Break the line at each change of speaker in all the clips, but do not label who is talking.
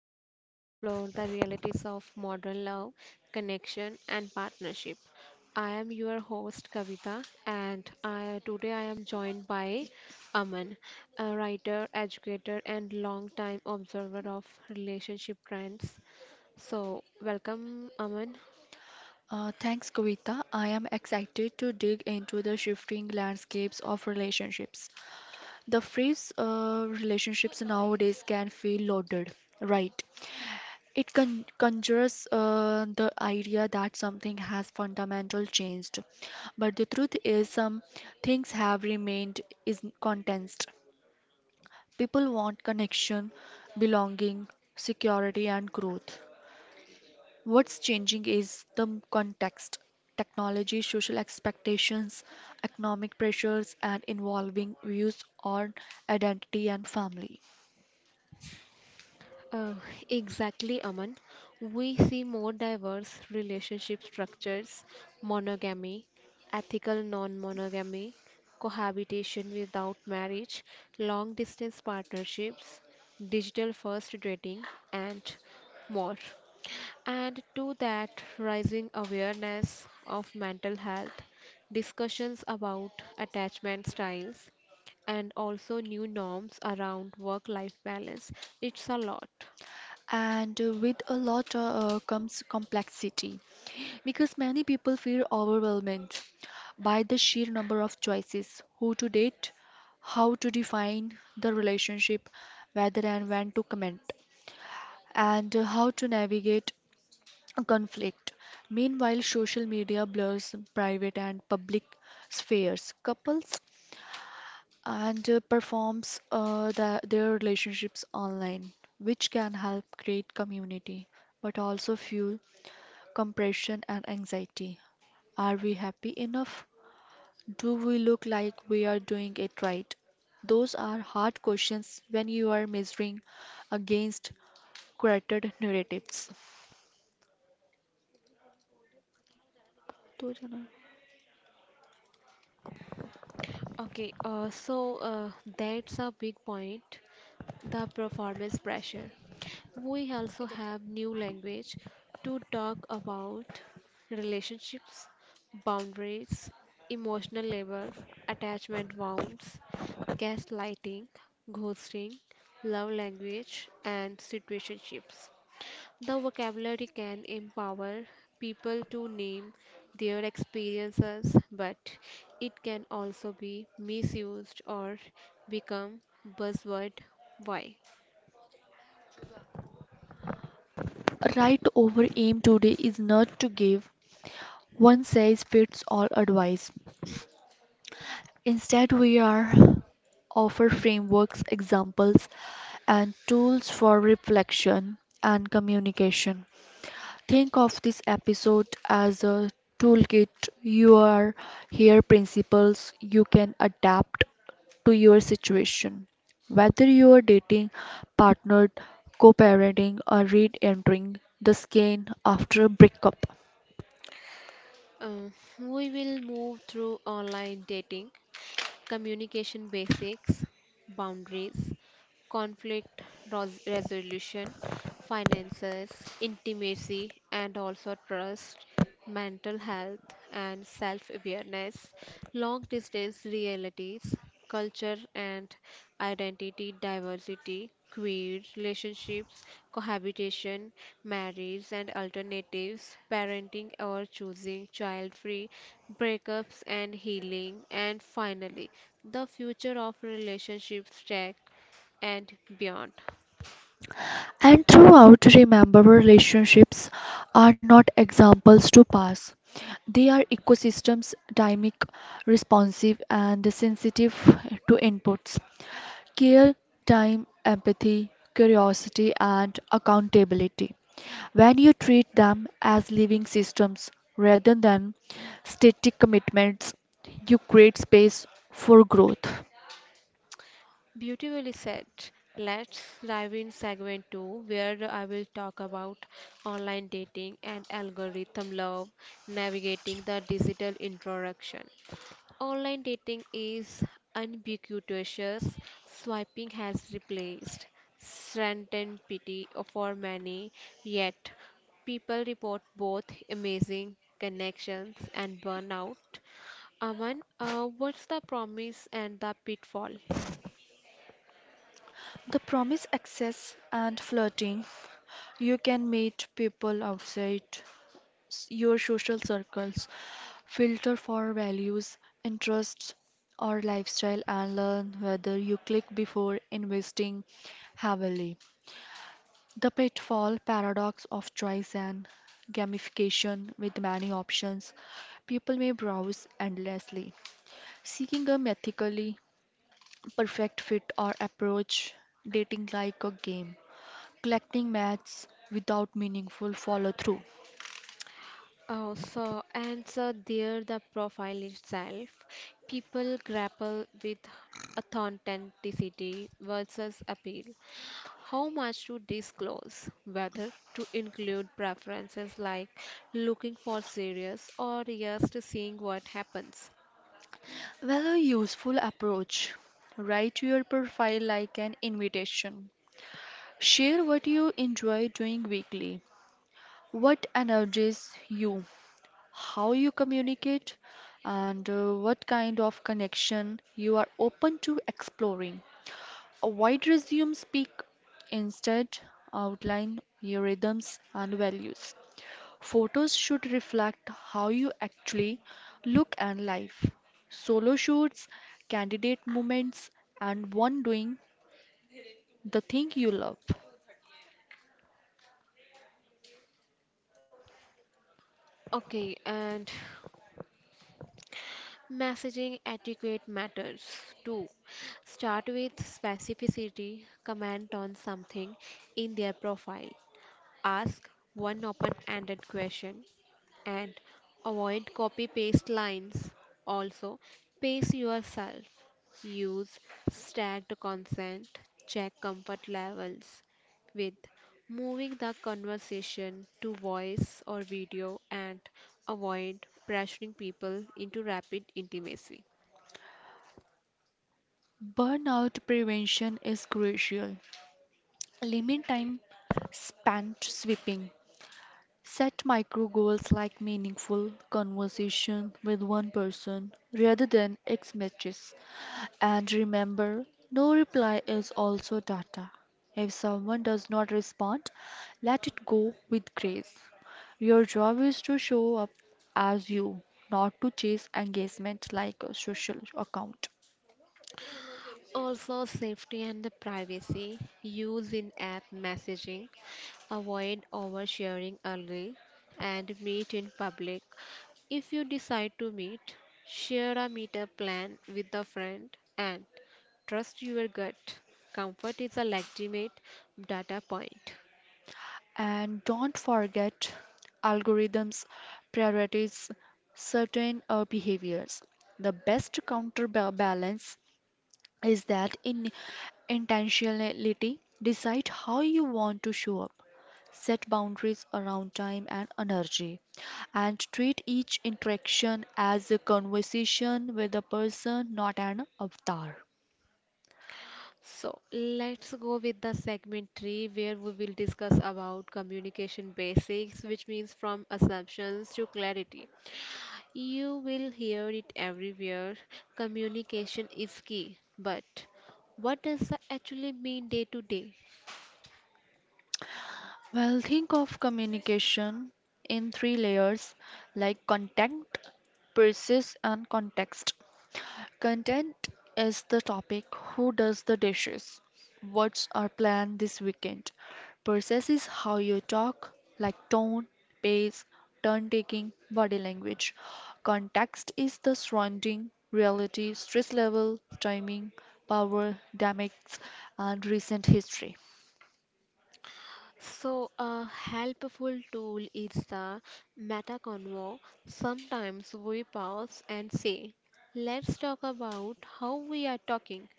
where we explore the realities of modern love, connection, and partnership. I am your host Kavita, and today I am joined by Aman, a writer, educator, and long-time observer of relationship trends. So, welcome, Aman.
Thanks, Kavita. I am excited to dig into the shifting landscapes of relationships. The phrase relationships nowadays can feel loaded, right? It conjures the idea that something has fundamental changed. But the truth is, some things have remained is condensed. People want connection, belonging, security, and growth. What's changing is the context, technology, social expectations, economic pressures, and evolving views on identity and family.
Uh, exactly, Aman. We see more diverse relationship structures: monogamy, ethical non-monogamy, cohabitation without marriage, long distance partnerships, digital first dating, and more. And to that, rising awareness of mental health, discussions about attachment styles, and also new norms around work life balance. It's a lot.
And with a lot comes complexity because many people feel overwhelmed by the sheer number of choices who to date, how to define the relationship, whether and when to comment, and how to navigate conflict. Meanwhile, social media blurs private and public spheres, couples, and performs their relationships online, which can help create community but also fuel compression and anxiety. Are we happy enough? Do we look like we are doing it right? Those are hard questions when you are measuring against curated narratives. तो जाना।
Okay, so that's a big point, the performance pressure. We also have new language to talk about relationships, boundaries, emotional labor, attachment wounds, gaslighting, ghosting, love language, and situationships. The vocabulary can empower people to name their experiences, but it can also be misused or become buzzword. Why?
Right, over aim today is not to give one size fits all advice. Instead, we are offer frameworks, examples, and tools for reflection and communication. Think of this episode as a toolkit. You are here principles you can adapt to your situation. Whether you are dating, partnered, co parenting, or re entering the skein after a breakup.
Uh, we will move through online dating, communication basics, boundaries, conflict resolution, finances, intimacy, and also trust, mental health, and self awareness, long distance realities, culture and identity diversity, queer relationships, cohabitation, marriage and alternatives, parenting or choosing child free, breakups and healing, and finally, the future of relationships check and beyond.
And throughout, remember relationships are not examples to pass. They are ecosystems, dynamic, responsive, and sensitive to inputs. Care, time, empathy, curiosity, and accountability. When you treat them as living systems rather than static commitments, you create space for growth.
Beautifully said. Let's dive in segment 2 where I will talk about online dating and algorithm love, navigating the digital introduction. Online dating is ubiquitous. Swiping has replaced certain pity for many, yet people report both amazing connections and burnout. Aman, what's the promise and the pitfall?
The promise access and flirting. You can meet people outside your social circles, filter for values, interests, or lifestyle, and learn whether you click before investing heavily. The pitfall paradox of choice and gamification with many options. People may browse endlessly, seeking a methically perfect fit or approach dating like a game collecting maths without meaningful follow through.
Oh, so and so there the profile itself. People grapple with authenticity versus appeal. How much to disclose, whether to include preferences like looking for serious or just seeing what happens.
Well, a useful approach. Write your profile like an invitation. Share what you enjoy doing weekly, what energizes you, how you communicate, and what kind of connection you are open to exploring. Avoid resume speak. Instead, outline your rhythms and values. Photos should reflect how you actually look and life. Solo shoots, candidate moments, and one doing the thing you love.
Okay, and messaging etiquette matters too. Start with specificity, comment on something in their profile, ask one open ended question, and avoid copy paste lines. Also, pace yourself. Use stacked consent. Check comfort levels with moving the conversation to voice or video, and avoid pressuring people into rapid intimacy.
Burnout prevention is crucial. Limit time spent sweeping. Set micro goals like meaningful conversation with one person rather than ex matches. And remember, no reply is also data. If someone does not respond, let it go with grace. Your job is to show up as you, not to chase engagement like a social account.
Also, safety and the privacy: use in app messaging, avoid oversharing early, and meet in public. If you decide to meet, share a meetup plan with a friend and trust your gut. Comfort is a legitimate data point.
And don't forget, algorithms prioritize certain behaviors. The best counterbalance is that in intentionality decide how you want to show up, set boundaries around time and energy, and treat each interaction as a conversation with a person, not an avatar.
So let's go with the segment 3 where we will discuss about communication basics, which means from assumptions to clarity. You will hear it everywhere. Communication is key. But what does that actually mean day to day?
Well, think of communication in three layers, like content, persist, and context. Content is the topic. Who does the dishes? What's our plan this weekend? Process is how you talk, like tone, pace, turn taking, body language. Context is the surrounding, reality, stress level, timing, power, dynamics, and recent history.
So, a helpful tool is the meta convo. Sometimes we pause and say, "Let's talk about how we are talking."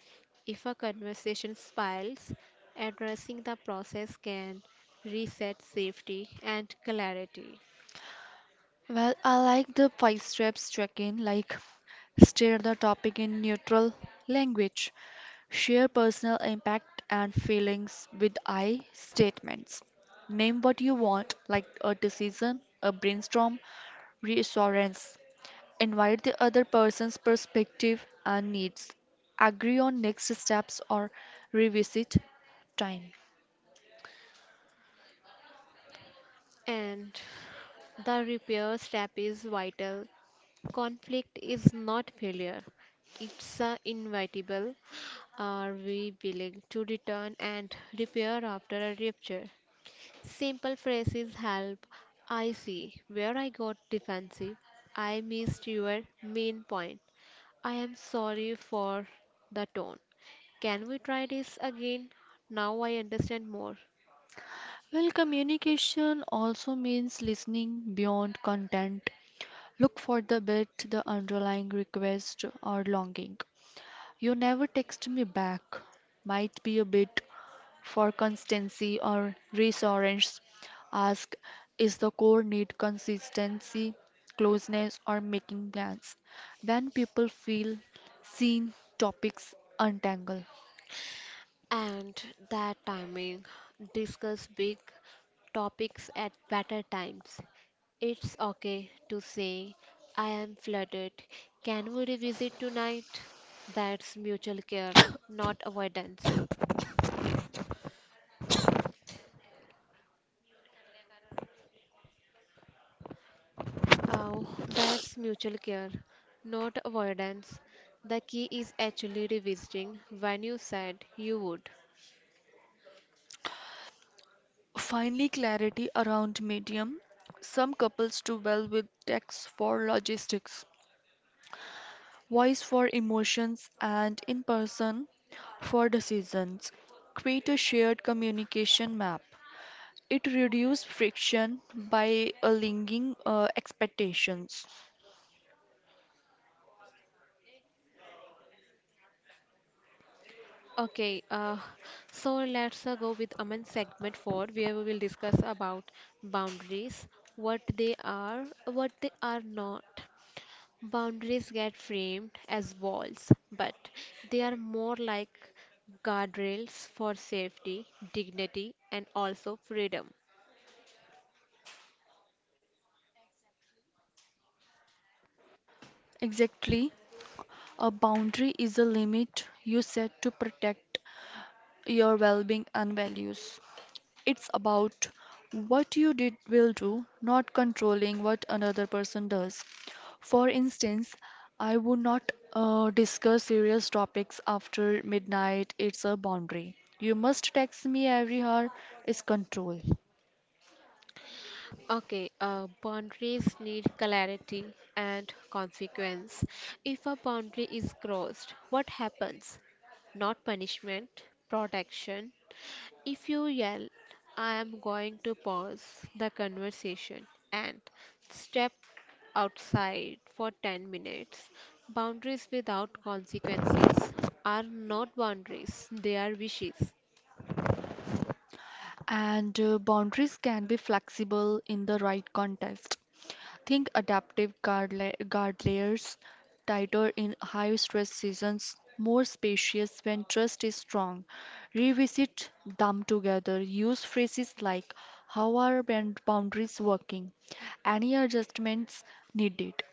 If a conversation spirals, addressing the process can reset safety and clarity.
Well, I like the five steps check in, like steer the topic in neutral language, share personal impact and feelings with I statements, name what you want, like a decision, a brainstorm, reassurance, invite the other person's perspective and needs, agree on next steps or revisit time.
And the repair step is vital. Conflict is not failure, it's inevitable. Are we willing to return and repair after a rupture? Simple phrases help. I see where I got defensive. I missed your main point. I am sorry for the tone. Can we try this again? Now I understand more.
Well, communication also means listening beyond content. Look for the bit, the underlying request or longing. You never text me back. Might be a bit for constancy or reassurance. Ask, is the core need consistency, closeness, or making plans? Then people feel seen, topics untangle.
And that timing: discuss big topics at better times. It's okay to say, "I am flooded. Can we revisit tonight?" That's mutual care, not avoidance. Oh, that's mutual care, not avoidance. The key is actually revisiting when you said you would.
Finally, clarity around medium. Some couples do well with text for logistics, voice for emotions, and in person for decisions. Create a shared communication map. It reduces friction by aligning expectations.
Okay, so let's go with Aman segment four, where we will discuss about boundaries, what they are not. Boundaries get framed as walls, but they are more like guardrails for safety, dignity, and also freedom.
Exactly, a boundary is a limit you set to protect your well being and values. It's about what you did will do, not controlling what another person does. For instance, I would not discuss serious topics after midnight, it's a boundary. You must text me every hour is control.
Okay, boundaries need clarity and consequence. If a boundary is crossed, what happens? Not punishment, protection. If you yell, I am going to pause the conversation and step outside for 10 minutes. Boundaries without consequences are not boundaries, they are wishes.
And boundaries can be flexible in the right context. Think adaptive guard layers, tighter in high stress seasons, more spacious when trust is strong. Revisit them together. Use phrases like, how are boundaries working? Any adjustments needed?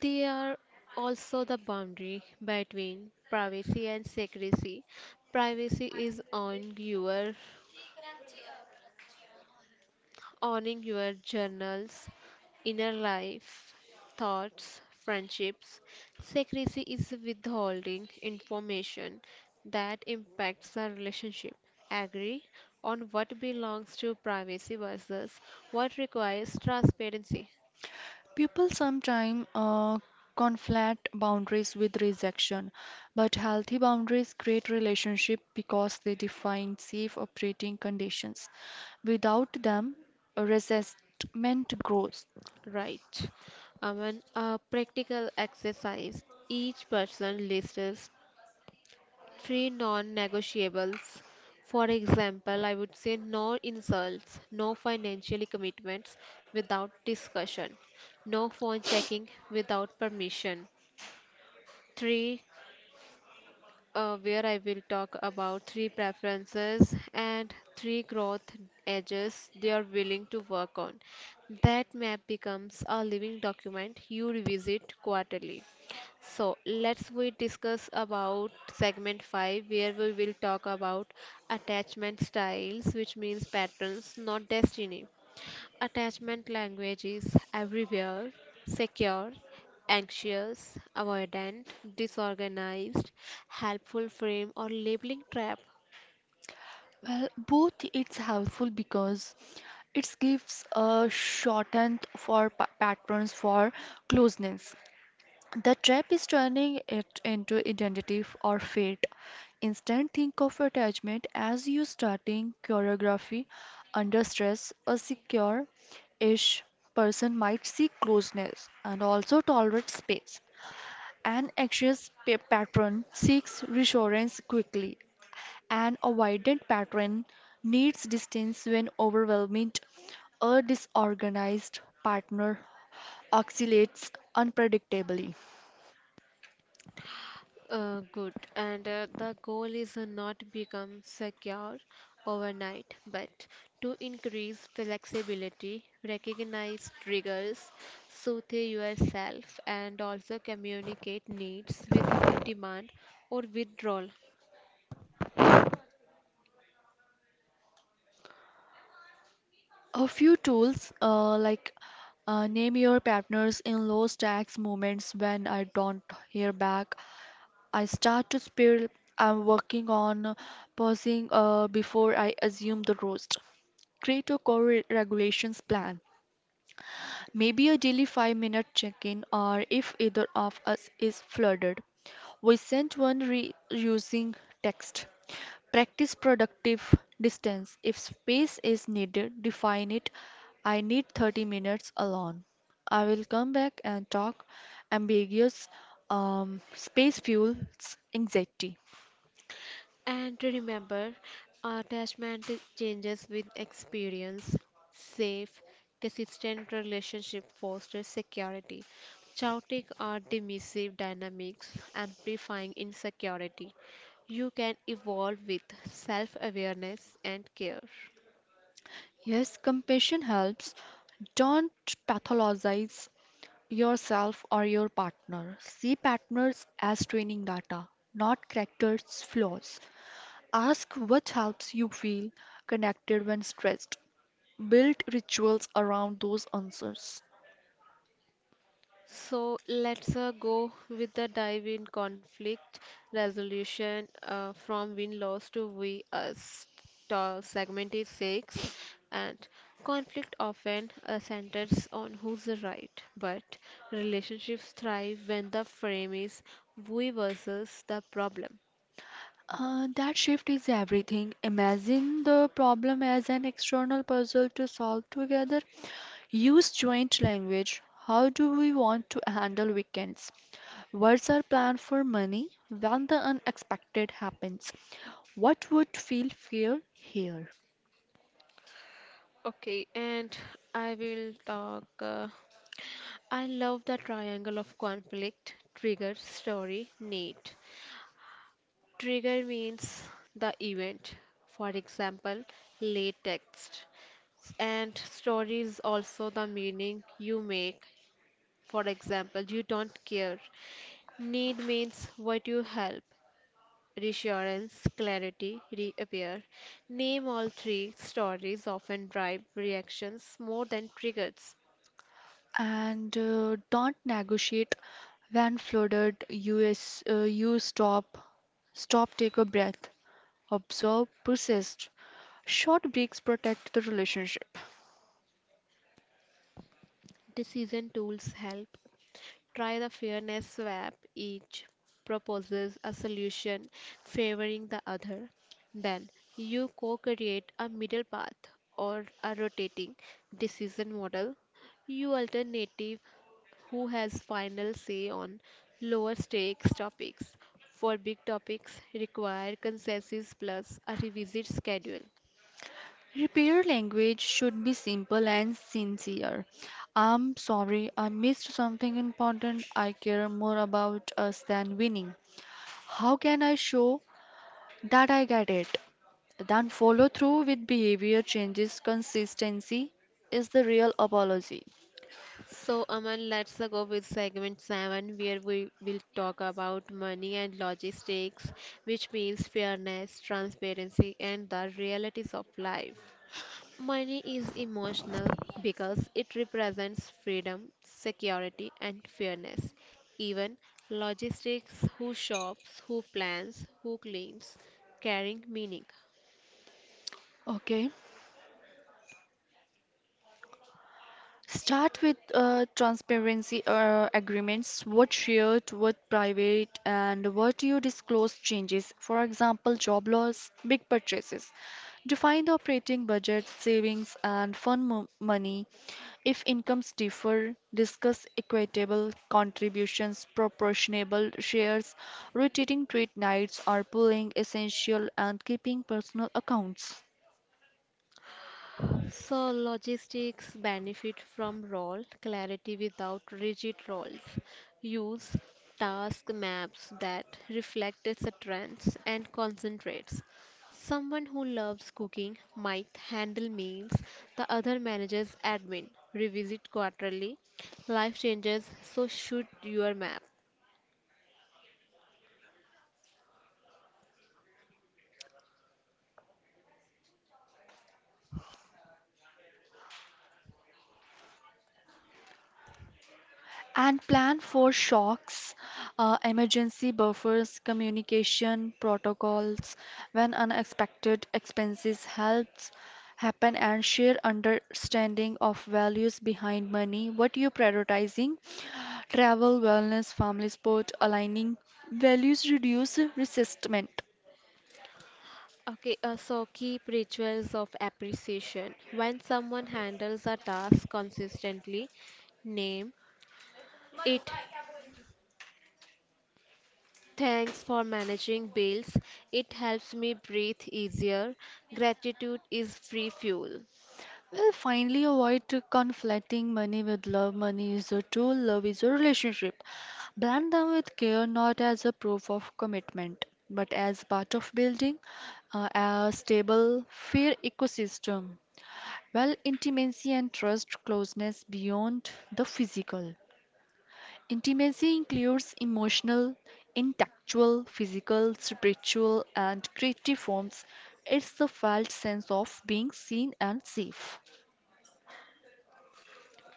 They are also the boundary between privacy and secrecy. Privacy is on your owning your journals, inner life, thoughts, friendships. Secrecy is withholding information that impacts a relationship. Agree on what belongs to privacy versus what requires transparency.
People sometimes conflate boundaries with rejection, but healthy boundaries create relationships because they define safe operating conditions. Without them, resentment grows.
Right. And a practical exercise. Each person lists three non-negotiables. For example, I would say no insults, no financial commitments without discussion, no phone checking without permission, three where I will talk about three preferences and three growth edges they are willing to work on. That map becomes a living document you revisit quarterly. So let's we discuss about segment 5 where we will talk about attachment styles, which means patterns not destiny. Attachment language is everywhere: secure, anxious, avoidant, disorganized, helpful frame, or labeling trap.
Well, both. It's helpful because it gives a shorthand for patterns for closeness. The trap is turning it into identity or fate. Instead, think of attachment as you starting choreography under stress. A secure ish person might seek closeness and also tolerate space. An anxious patron seeks reassurance quickly. An avoidant patron needs distance when overwhelmed. A disorganized partner oscillates unpredictably.
Good. And the goal is not become secure overnight, but to increase flexibility, recognize triggers, soothe yourself, and also communicate needs without demand or withdrawal.
A few tools, like, name your partners in low stakes moments. When I don't hear back, I start to spill. I'm working on pausing before I assume the roast. Create a core regulations plan. Maybe a daily 5-minute check in, or if either of us is flooded, we send one reusing text. Practice productive distance. If space is needed, define it. I need 30 minutes alone. I will come back and talk. Ambiguous space fuels anxiety.
And remember, attachment changes with experience. Safe, consistent relationship fosters security. Chaotic or dismissive dynamics amplifying insecurity. You can evolve with self awareness and care.
Yes, compassion helps. Don't pathologize yourself or your partner. See patterns as training data, not characters' flaws. Ask what helps you feel connected when stressed. Build rituals around those answers.
So let's go with the dive in conflict resolution from win loss to we us. Segment is six, and conflict often centers on who's right, but relationships thrive when the frame is we versus the problem.
That shift is everything. Imagine the problem as an external puzzle to solve together. Use joint language. How do we want to handle weekends? What's our plan for money when the unexpected happens? What would feel fair here?
Okay, and I will talk. I love the triangle of conflict: trigger, story, need. Trigger means the event, for example, late text. And story is also the meaning you make, for example, you don't care. Need means what you help: reassurance, clarity, reappear. Name all three stories often drive reactions more than triggers.
And don't negotiate when flooded. Us, you stop, take a breath, observe, persist. Short breaks protect the relationship.
Decision tools help. Try the fairness swap. Each proposes a solution favoring the other. Then you co create a middle path or a rotating decision model. You alternative who has final say on lower stakes topics. For big topics, require consensus plus a revisit schedule.
Repair language should be simple and sincere. I'm sorry, I missed something important. I care more about us than winning. How can I show that I get it? Then follow through with behavior changes. Consistency is the real apology.
So, Aman, let's go with segment 7 where we will talk about money and logistics, which means fairness, transparency, and the realities of life. Money is emotional because it represents freedom, security, and fairness. Even logistics: who shops, who plans, who cleans, carrying meaning.
Okay. Start with transparency agreements, what shared, what private, and what you disclose changes. For example, job loss, big purchases. Define the operating budget, savings, and fund money. If incomes differ, discuss equitable contributions, proportionable shares, rotating trade nights, or pooling essential and keeping personal accounts.
So, logistics benefit from role clarity without rigid roles. Use task maps that reflect its trends and concentrates. Someone who loves cooking might handle meals, the other manages admin. Revisit quarterly. Life changes, so should your map.
And plan for shocks, emergency buffers, communication protocols when unexpected expenses helps happen, and share understanding of values behind money. What you prioritizing? Travel, wellness, family sport, aligning values reduce resistment.
Okay, so keep rituals of appreciation. When someone handles a task consistently, name it. Thanks for managing bills. It helps me breathe easier. Gratitude is free fuel.
Well, finally, avoid to conflating money with love. Money is a tool, love is a relationship. Blend them with care, not as a proof of commitment, but as part of building a stable, fair ecosystem. Well, intimacy and trust closeness beyond the physical. Intimacy includes emotional, intellectual, physical, spiritual, and creative forms. It's the felt sense of being seen and safe.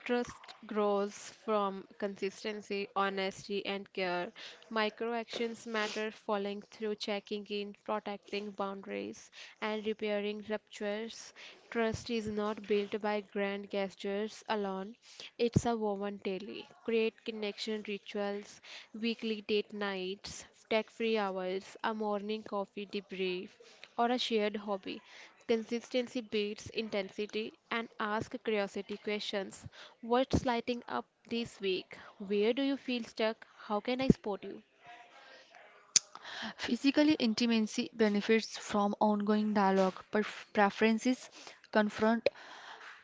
Trust grows from consistency, honesty, and care. Micro actions matter: following through, checking in, protecting boundaries, and repairing ruptures. Trust is not built by grand gestures alone, it's a woven daily. Create connection rituals: weekly date nights, tech free hours, a morning coffee debrief, or a shared hobby. Consistency beats intensity and ask curiosity questions. What's lighting up this week? Where do you feel stuck? How can I support you?
Physically, intimacy benefits from ongoing dialogue, preferences, confront,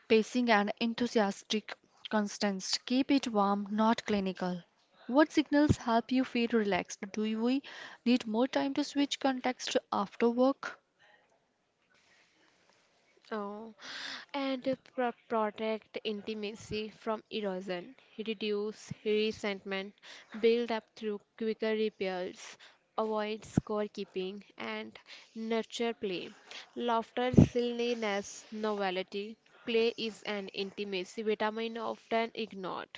pacing, and enthusiastic constants. Keep it warm, not clinical. What signals help you feel relaxed? Do we need more time to switch context after work?
Oh, and protect intimacy from erosion, reduce resentment, build up through quicker repairs, avoid scorekeeping, and nurture play. Laughter, silliness, novelty. Play is an intimacy vitamin often ignored.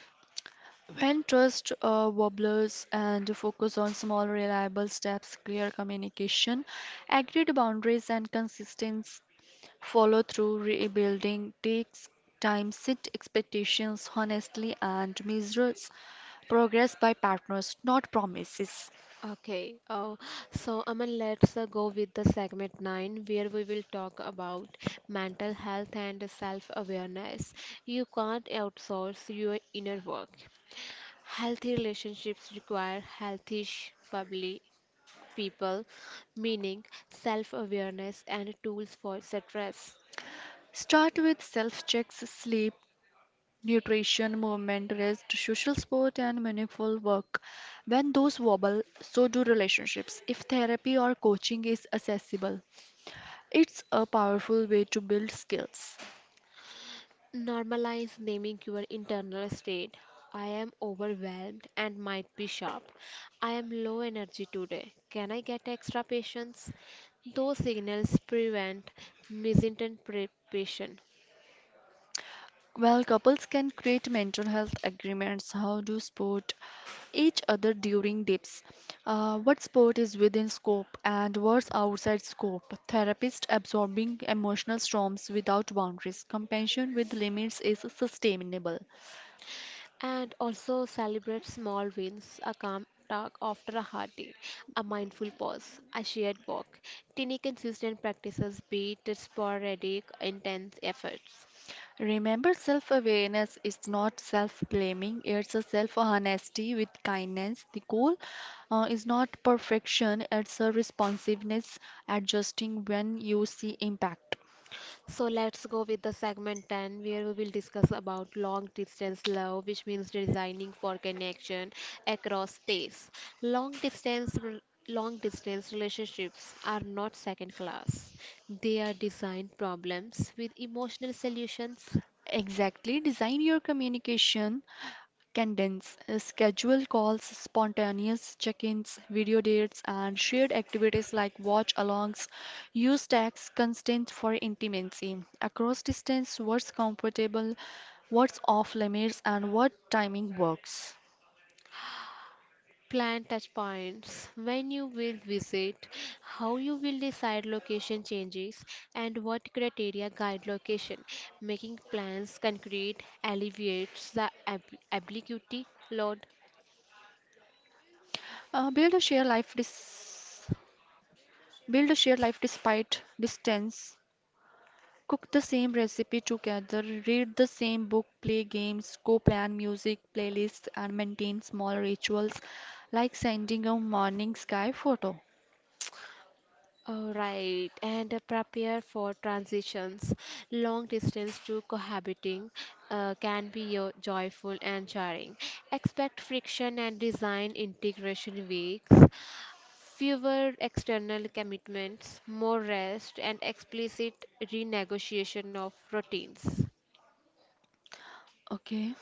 When trust wobbles and focus on small reliable steps, clear communication, agreed boundaries, and consistent follow through, rebuilding takes time. Set expectations honestly, and measures progress by partners, not promises.
Okay, so Aman, let's go with the segment 9 where we will talk about mental health and self awareness. You can't outsource your inner work. Healthy relationships require healthy public people, meaning self awareness and tools for stress.
Start with self checks, sleep, nutrition, movement, rest, social support, and meaningful work. When those wobble, so do relationships. If therapy or coaching is accessible, it's a powerful way to build skills.
Normalize naming your internal state. I am overwhelmed and might be sharp. I am low energy today. Can I get extra patience? Those signals prevent misinterpretation,
Well, couples can create mental health agreements. How to support each other during dips? What support is within scope and what's outside scope? Therapist absorbing emotional storms without boundaries. Compassion with limits is sustainable.
and also celebrate small wins, a calm talk after a hard day, a mindful pause, a shared walk. Tiny consistent practices beat sporadic intense efforts.
Remember, self awareness is not self blaming, it's a self honesty with kindness. The goal is not perfection, it's a responsiveness, adjusting when you see impact.
So let's go with the segment 10 where we will discuss about long distance love, which means designing for connection across space. Long distance rel- Long distance relationships are not second class. They are design problems with emotional solutions.
Exactly, design your communication, condense, schedule calls, spontaneous check ins, video dates, and shared activities like watch alongs. Use text constraints for intimacy across distance, what's comfortable, what's off limits, and what timing works.
Plan touch points: when you will visit, how you will decide location changes, and what criteria guide location. Making plans concrete alleviates the ambiguity load.
Uh, build a shared life dis- Build a shared life despite distance. Cook the same recipe together, read the same book, play games, co plan music playlists, and maintain small rituals like sending a morning sky photo.
All right, and prepare for transitions. Long distance to cohabiting can be joyful and jarring. Expect friction and design integration weeks, fewer external commitments, more rest, and explicit renegotiation of routines.
Okay.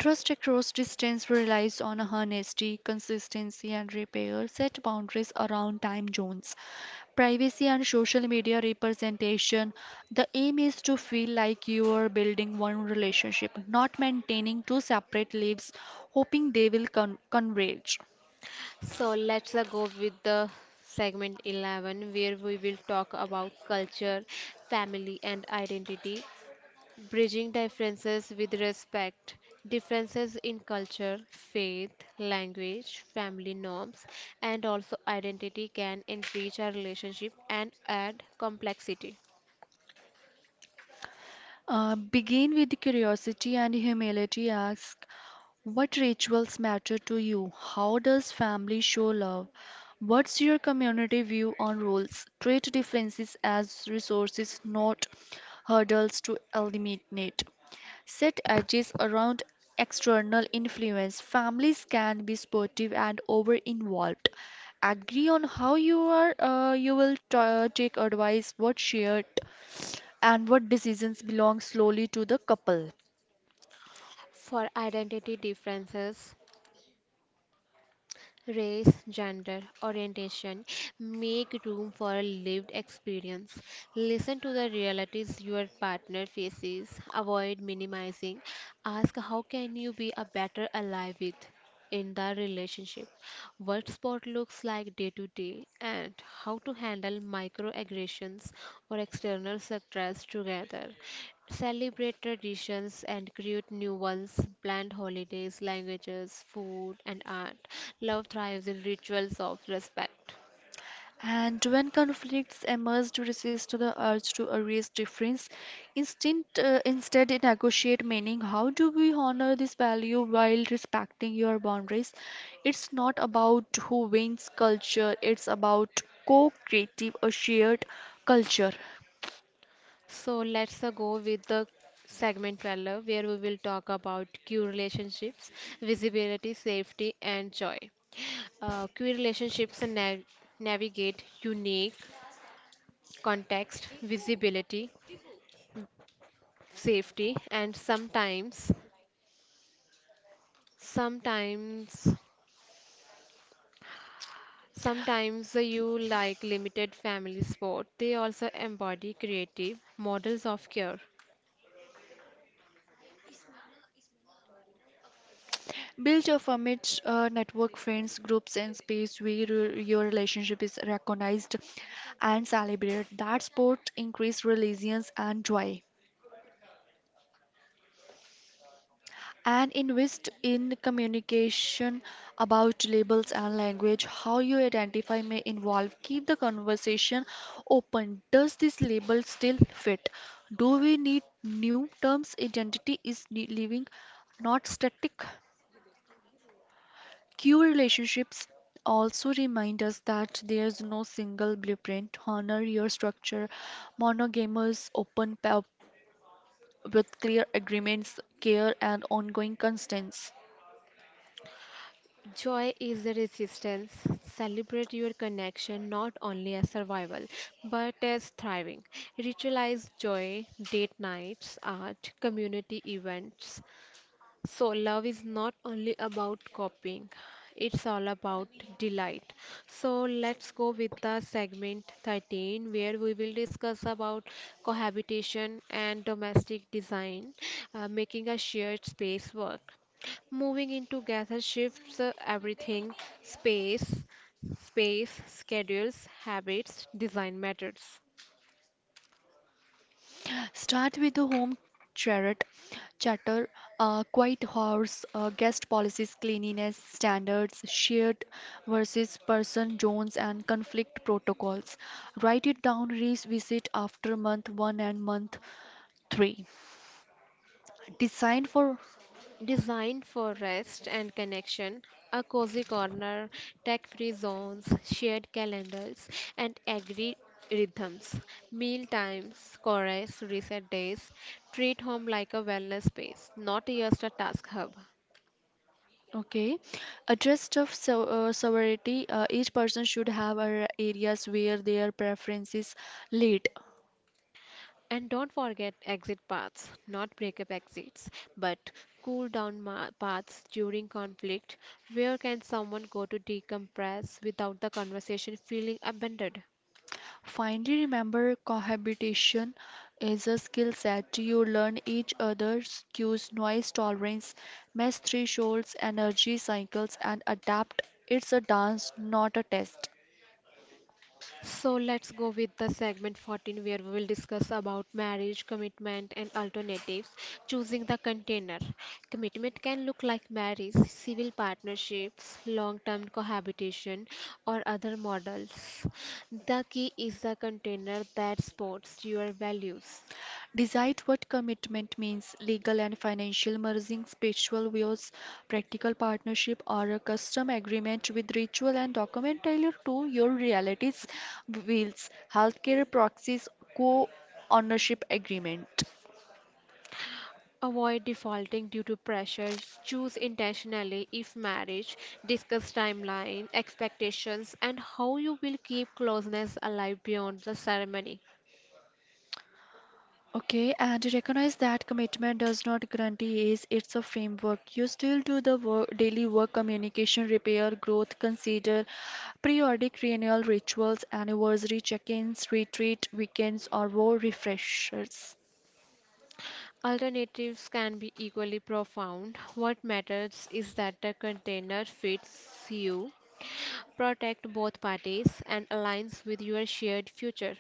Trust across distance relies on honesty, consistency, and repair. Set boundaries around time zones, privacy and social media representation. The aim is to feel like you are building one relationship, not maintaining two separate lives, hoping they will converge.
So let's go with the segment 11 where we will talk about culture, family, and identity. Bridging differences with respect: differences in culture, faith, language, family norms, and also identity can enrich our relationship and add complexity.
Begin with curiosity and humility. Ask, what rituals matter to you? How does family show love? What's your community view on roles? Treat differences as resources, not hurdles to eliminate. Set edges around external influence. Families can be supportive and over involved. Agree on how you are you will take advice, what shared and what decisions belong solely to the couple.
For identity differences: race, gender, orientation, make room for a lived experience. Listen to the realities your partner faces, avoid minimizing. Ask how can you be a better ally with in the relationship, what sport looks like day to day, and how to handle microaggressions or external stress together. Celebrate traditions and create new ones: blend holidays, languages, food, and art. Love thrives in rituals of respect.
And when conflicts emerge to resist to the urge to erase difference, instead they negotiate meaning. How do we honor this value while respecting your boundaries? It's not about who wins culture, it's about co-creative a shared culture.
So let's go with the segment 12 where we will talk about queer relationships, visibility, safety, and joy. Queer relationships navigate unique context, visibility, safety, and sometimes sometimes you like limited family sport. They also embody creative models of care.
Build your family network, friends, groups, and space where your relationship is recognized and celebrated. That sport increase resilience and joy. And invest in communication about labels and language. How you identify may involve. Keep the conversation open. Does this label still fit? Do we need new terms? Identity is living, not static. Q relationships also remind us that there's no single blueprint. Honor your structure. Monogamous, open pa- with clear agreements, care, and ongoing constants.
Joy is the resistance. Celebrate your connection not only as survival but as thriving. Ritualize joy, date nights, art, community events. So, love is not only about copying, it's all about delight. So, let's go with the segment 13 where we will discuss about cohabitation and domestic design, making a shared space work. Moving into gather shifts everything, space, space, schedules, habits, design methods.
Start with the home charrette, chatter, quiet hours, guest policies, cleanliness standards, shared versus person zones, and conflict protocols. Write it down, revisit after month one and month three. Design for.
Designed for rest and connection, a cozy corner, tech free zones, shared calendars, and agri rhythms, meal times, chorus, reset days. Treat home like a wellness space, not just a task hub.
Okay, address of so, sovereignty. Each person should have a areas where their preferences lead.
And don't forget exit paths, not breakup exits, but cool down paths during conflict. Where can someone go to decompress without the conversation feeling abandoned?
Finally, remember cohabitation is a skill set. You learn each other's cues, noise tolerance, mesh thresholds, energy cycles, and adapt. It's a dance, not a test.
So let's go with the segment 14 where we will discuss about marriage, commitment and alternatives. Choosing the container. Commitment can look like marriage, civil partnerships, long-term cohabitation or other models. The key is the container that supports your values.
Decide what commitment means legal and financial merging, spiritual vows, practical partnership, or a custom agreement with ritual and document tailored to your realities, wills, healthcare proxies, co ownership agreement.
Avoid defaulting due to pressure. Choose intentionally if marriage. Discuss timeline, expectations, and how you will keep closeness alive beyond the ceremony.
Okay, and recognize that commitment does not guarantee is it's a framework. You still do the work, daily work, communication, repair, growth, consider periodic renewal rituals, anniversary check-ins, retreat, weekends, or war refreshers.
Alternatives can be equally profound. What matters is that the container fits you, protects both parties, and aligns with your shared future.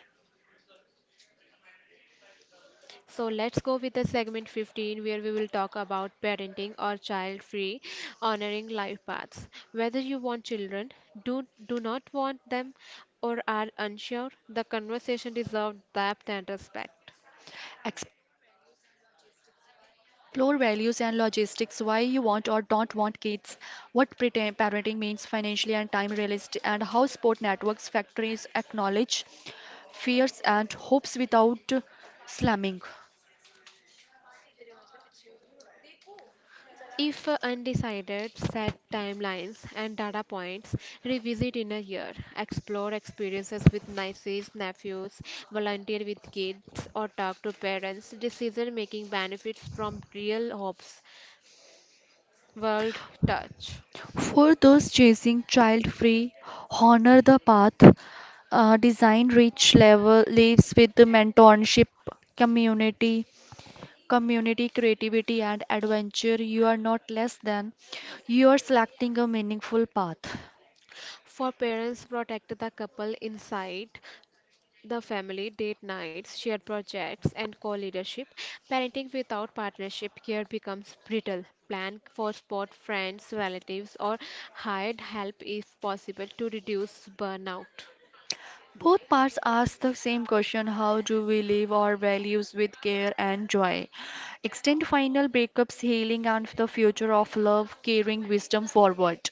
So let's go with the segment 15 where we will talk about parenting or child free honoring life paths. Whether you want children, do not want them or are unsure, the conversation deserves depth and respect.
Explore values and logistics, why you want or don't want kids, what parenting means financially and time realist, and how sport networks factories acknowledge fears and hopes without slamming.
If undecided, set timelines and data points, revisit in a year, explore experiences with nieces, nephews, volunteer with kids, or talk to parents. Decision making benefits from real hopes. World touch.
For those chasing child free, honor the path. Design rich level lives with the mentorship community community, creativity, and adventure, you are not less than. You are selecting a meaningful path.
For parents, protect the couple inside. The family, date nights, shared projects, and co leadership. Parenting without partnership care becomes brittle. Plan for support friends, relatives, or hired help if possible to reduce burnout.
Both parts ask the same question, how do we live our values with care and joy? Extend final breakups, healing, and the future of love, carrying wisdom forward.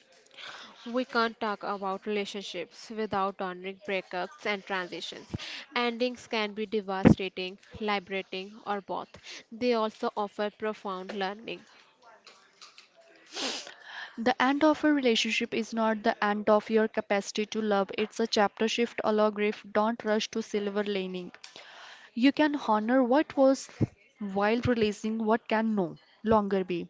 We can't talk about relationships without honoring breakups and transitions. Endings can be devastating, liberating, or both. They also offer profound learning.
The end of a relationship is not the end of your capacity to love, it's a chapter shift allow grief. Don't rush to silver lining. You can honor what was while releasing what can no longer be.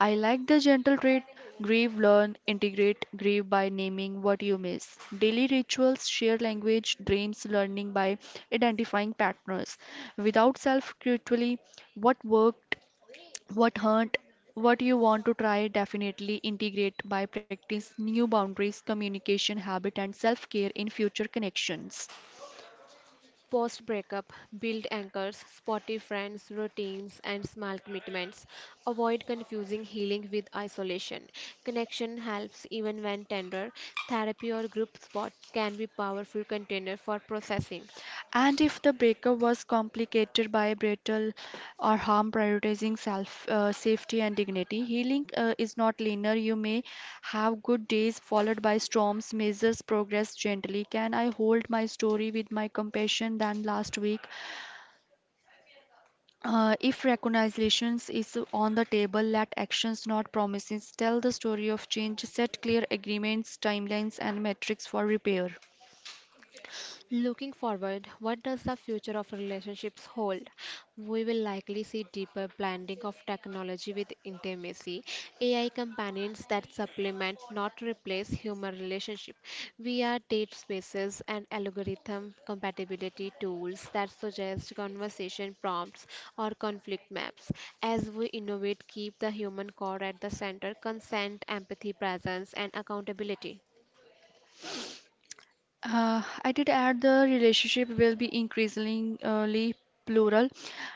I like the gentle trait grieve, learn, integrate, grieve by naming what you miss. Daily rituals, share language, dreams, learning by identifying patterns. Without self critically, what worked, what hurt, what you want to try definitely integrate by practice new boundaries communication habit and self care in future connections.
Post breakup, build anchors, spotty friends, routines, and small commitments. Avoid confusing healing with isolation. Connection helps even when tender. Therapy or group spot can be powerful container for processing.
And if the breakup was complicated by betrayal or harm, prioritizing self safety and dignity, healing is not linear. You may have good days followed by storms. Measures progress gently. Can I hold my story with my compassion than last week? If recognitions is on the table, let actions not promises. Tell the story of change. Set clear agreements, timelines, and metrics for repair.
Looking forward, what does the future of relationships hold? We will likely see deeper blending of technology with intimacy, AI companions that supplement, not replace, human relationship, VR date spaces, and algorithm compatibility tools that suggest conversation prompts or conflict maps. As we innovate, keep the human core at the center, consent, empathy, presence, and accountability.
I did add the relationship will be increasingly plural.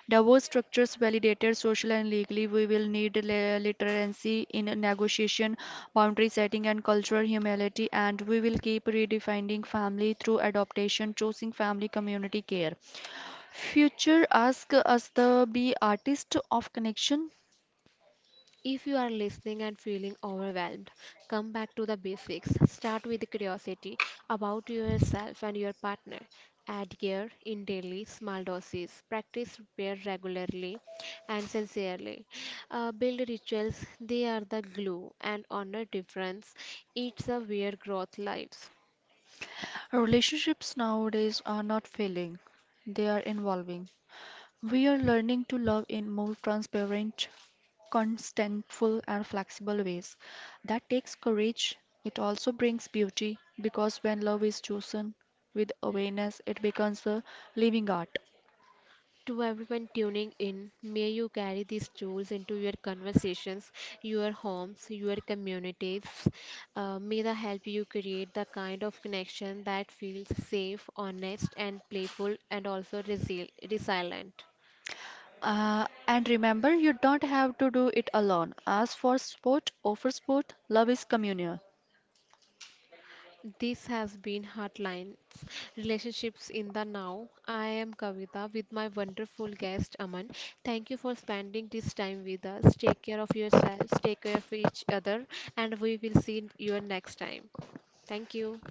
Divorce structures validated social and legally. We will need literacy in negotiation, boundary setting, and cultural humility. And we will keep redefining family through adaptation, choosing family community care. Future ask us the be artist of connection.
If you are listening and feeling overwhelmed, come back to the basics. Start with curiosity about yourself and your partner. Add care in daily small doses. Practice prayer regularly and sincerely. Build rituals, they are the glue, and honor difference. It's a where growth lives.
Relationships nowadays are not failing; they are evolving. We are learning to love in more transparent, contentful, and flexible ways. That takes courage. It also brings beauty because when love is chosen with awareness, it becomes a living art.
To everyone tuning in, may you carry these tools into your conversations, your homes, your communities. May they help you create the kind of connection that feels safe, honest, and playful, and also resilient.
And remember, you don't have to do it alone. As for sport, over sport, love is communal.
This has been Heartlines Relationships in the Now. I am Kavita with my wonderful guest Aman. Thank you for spending this time with us. Take care of yourselves, take care of each other, and we will see you next time. Thank you.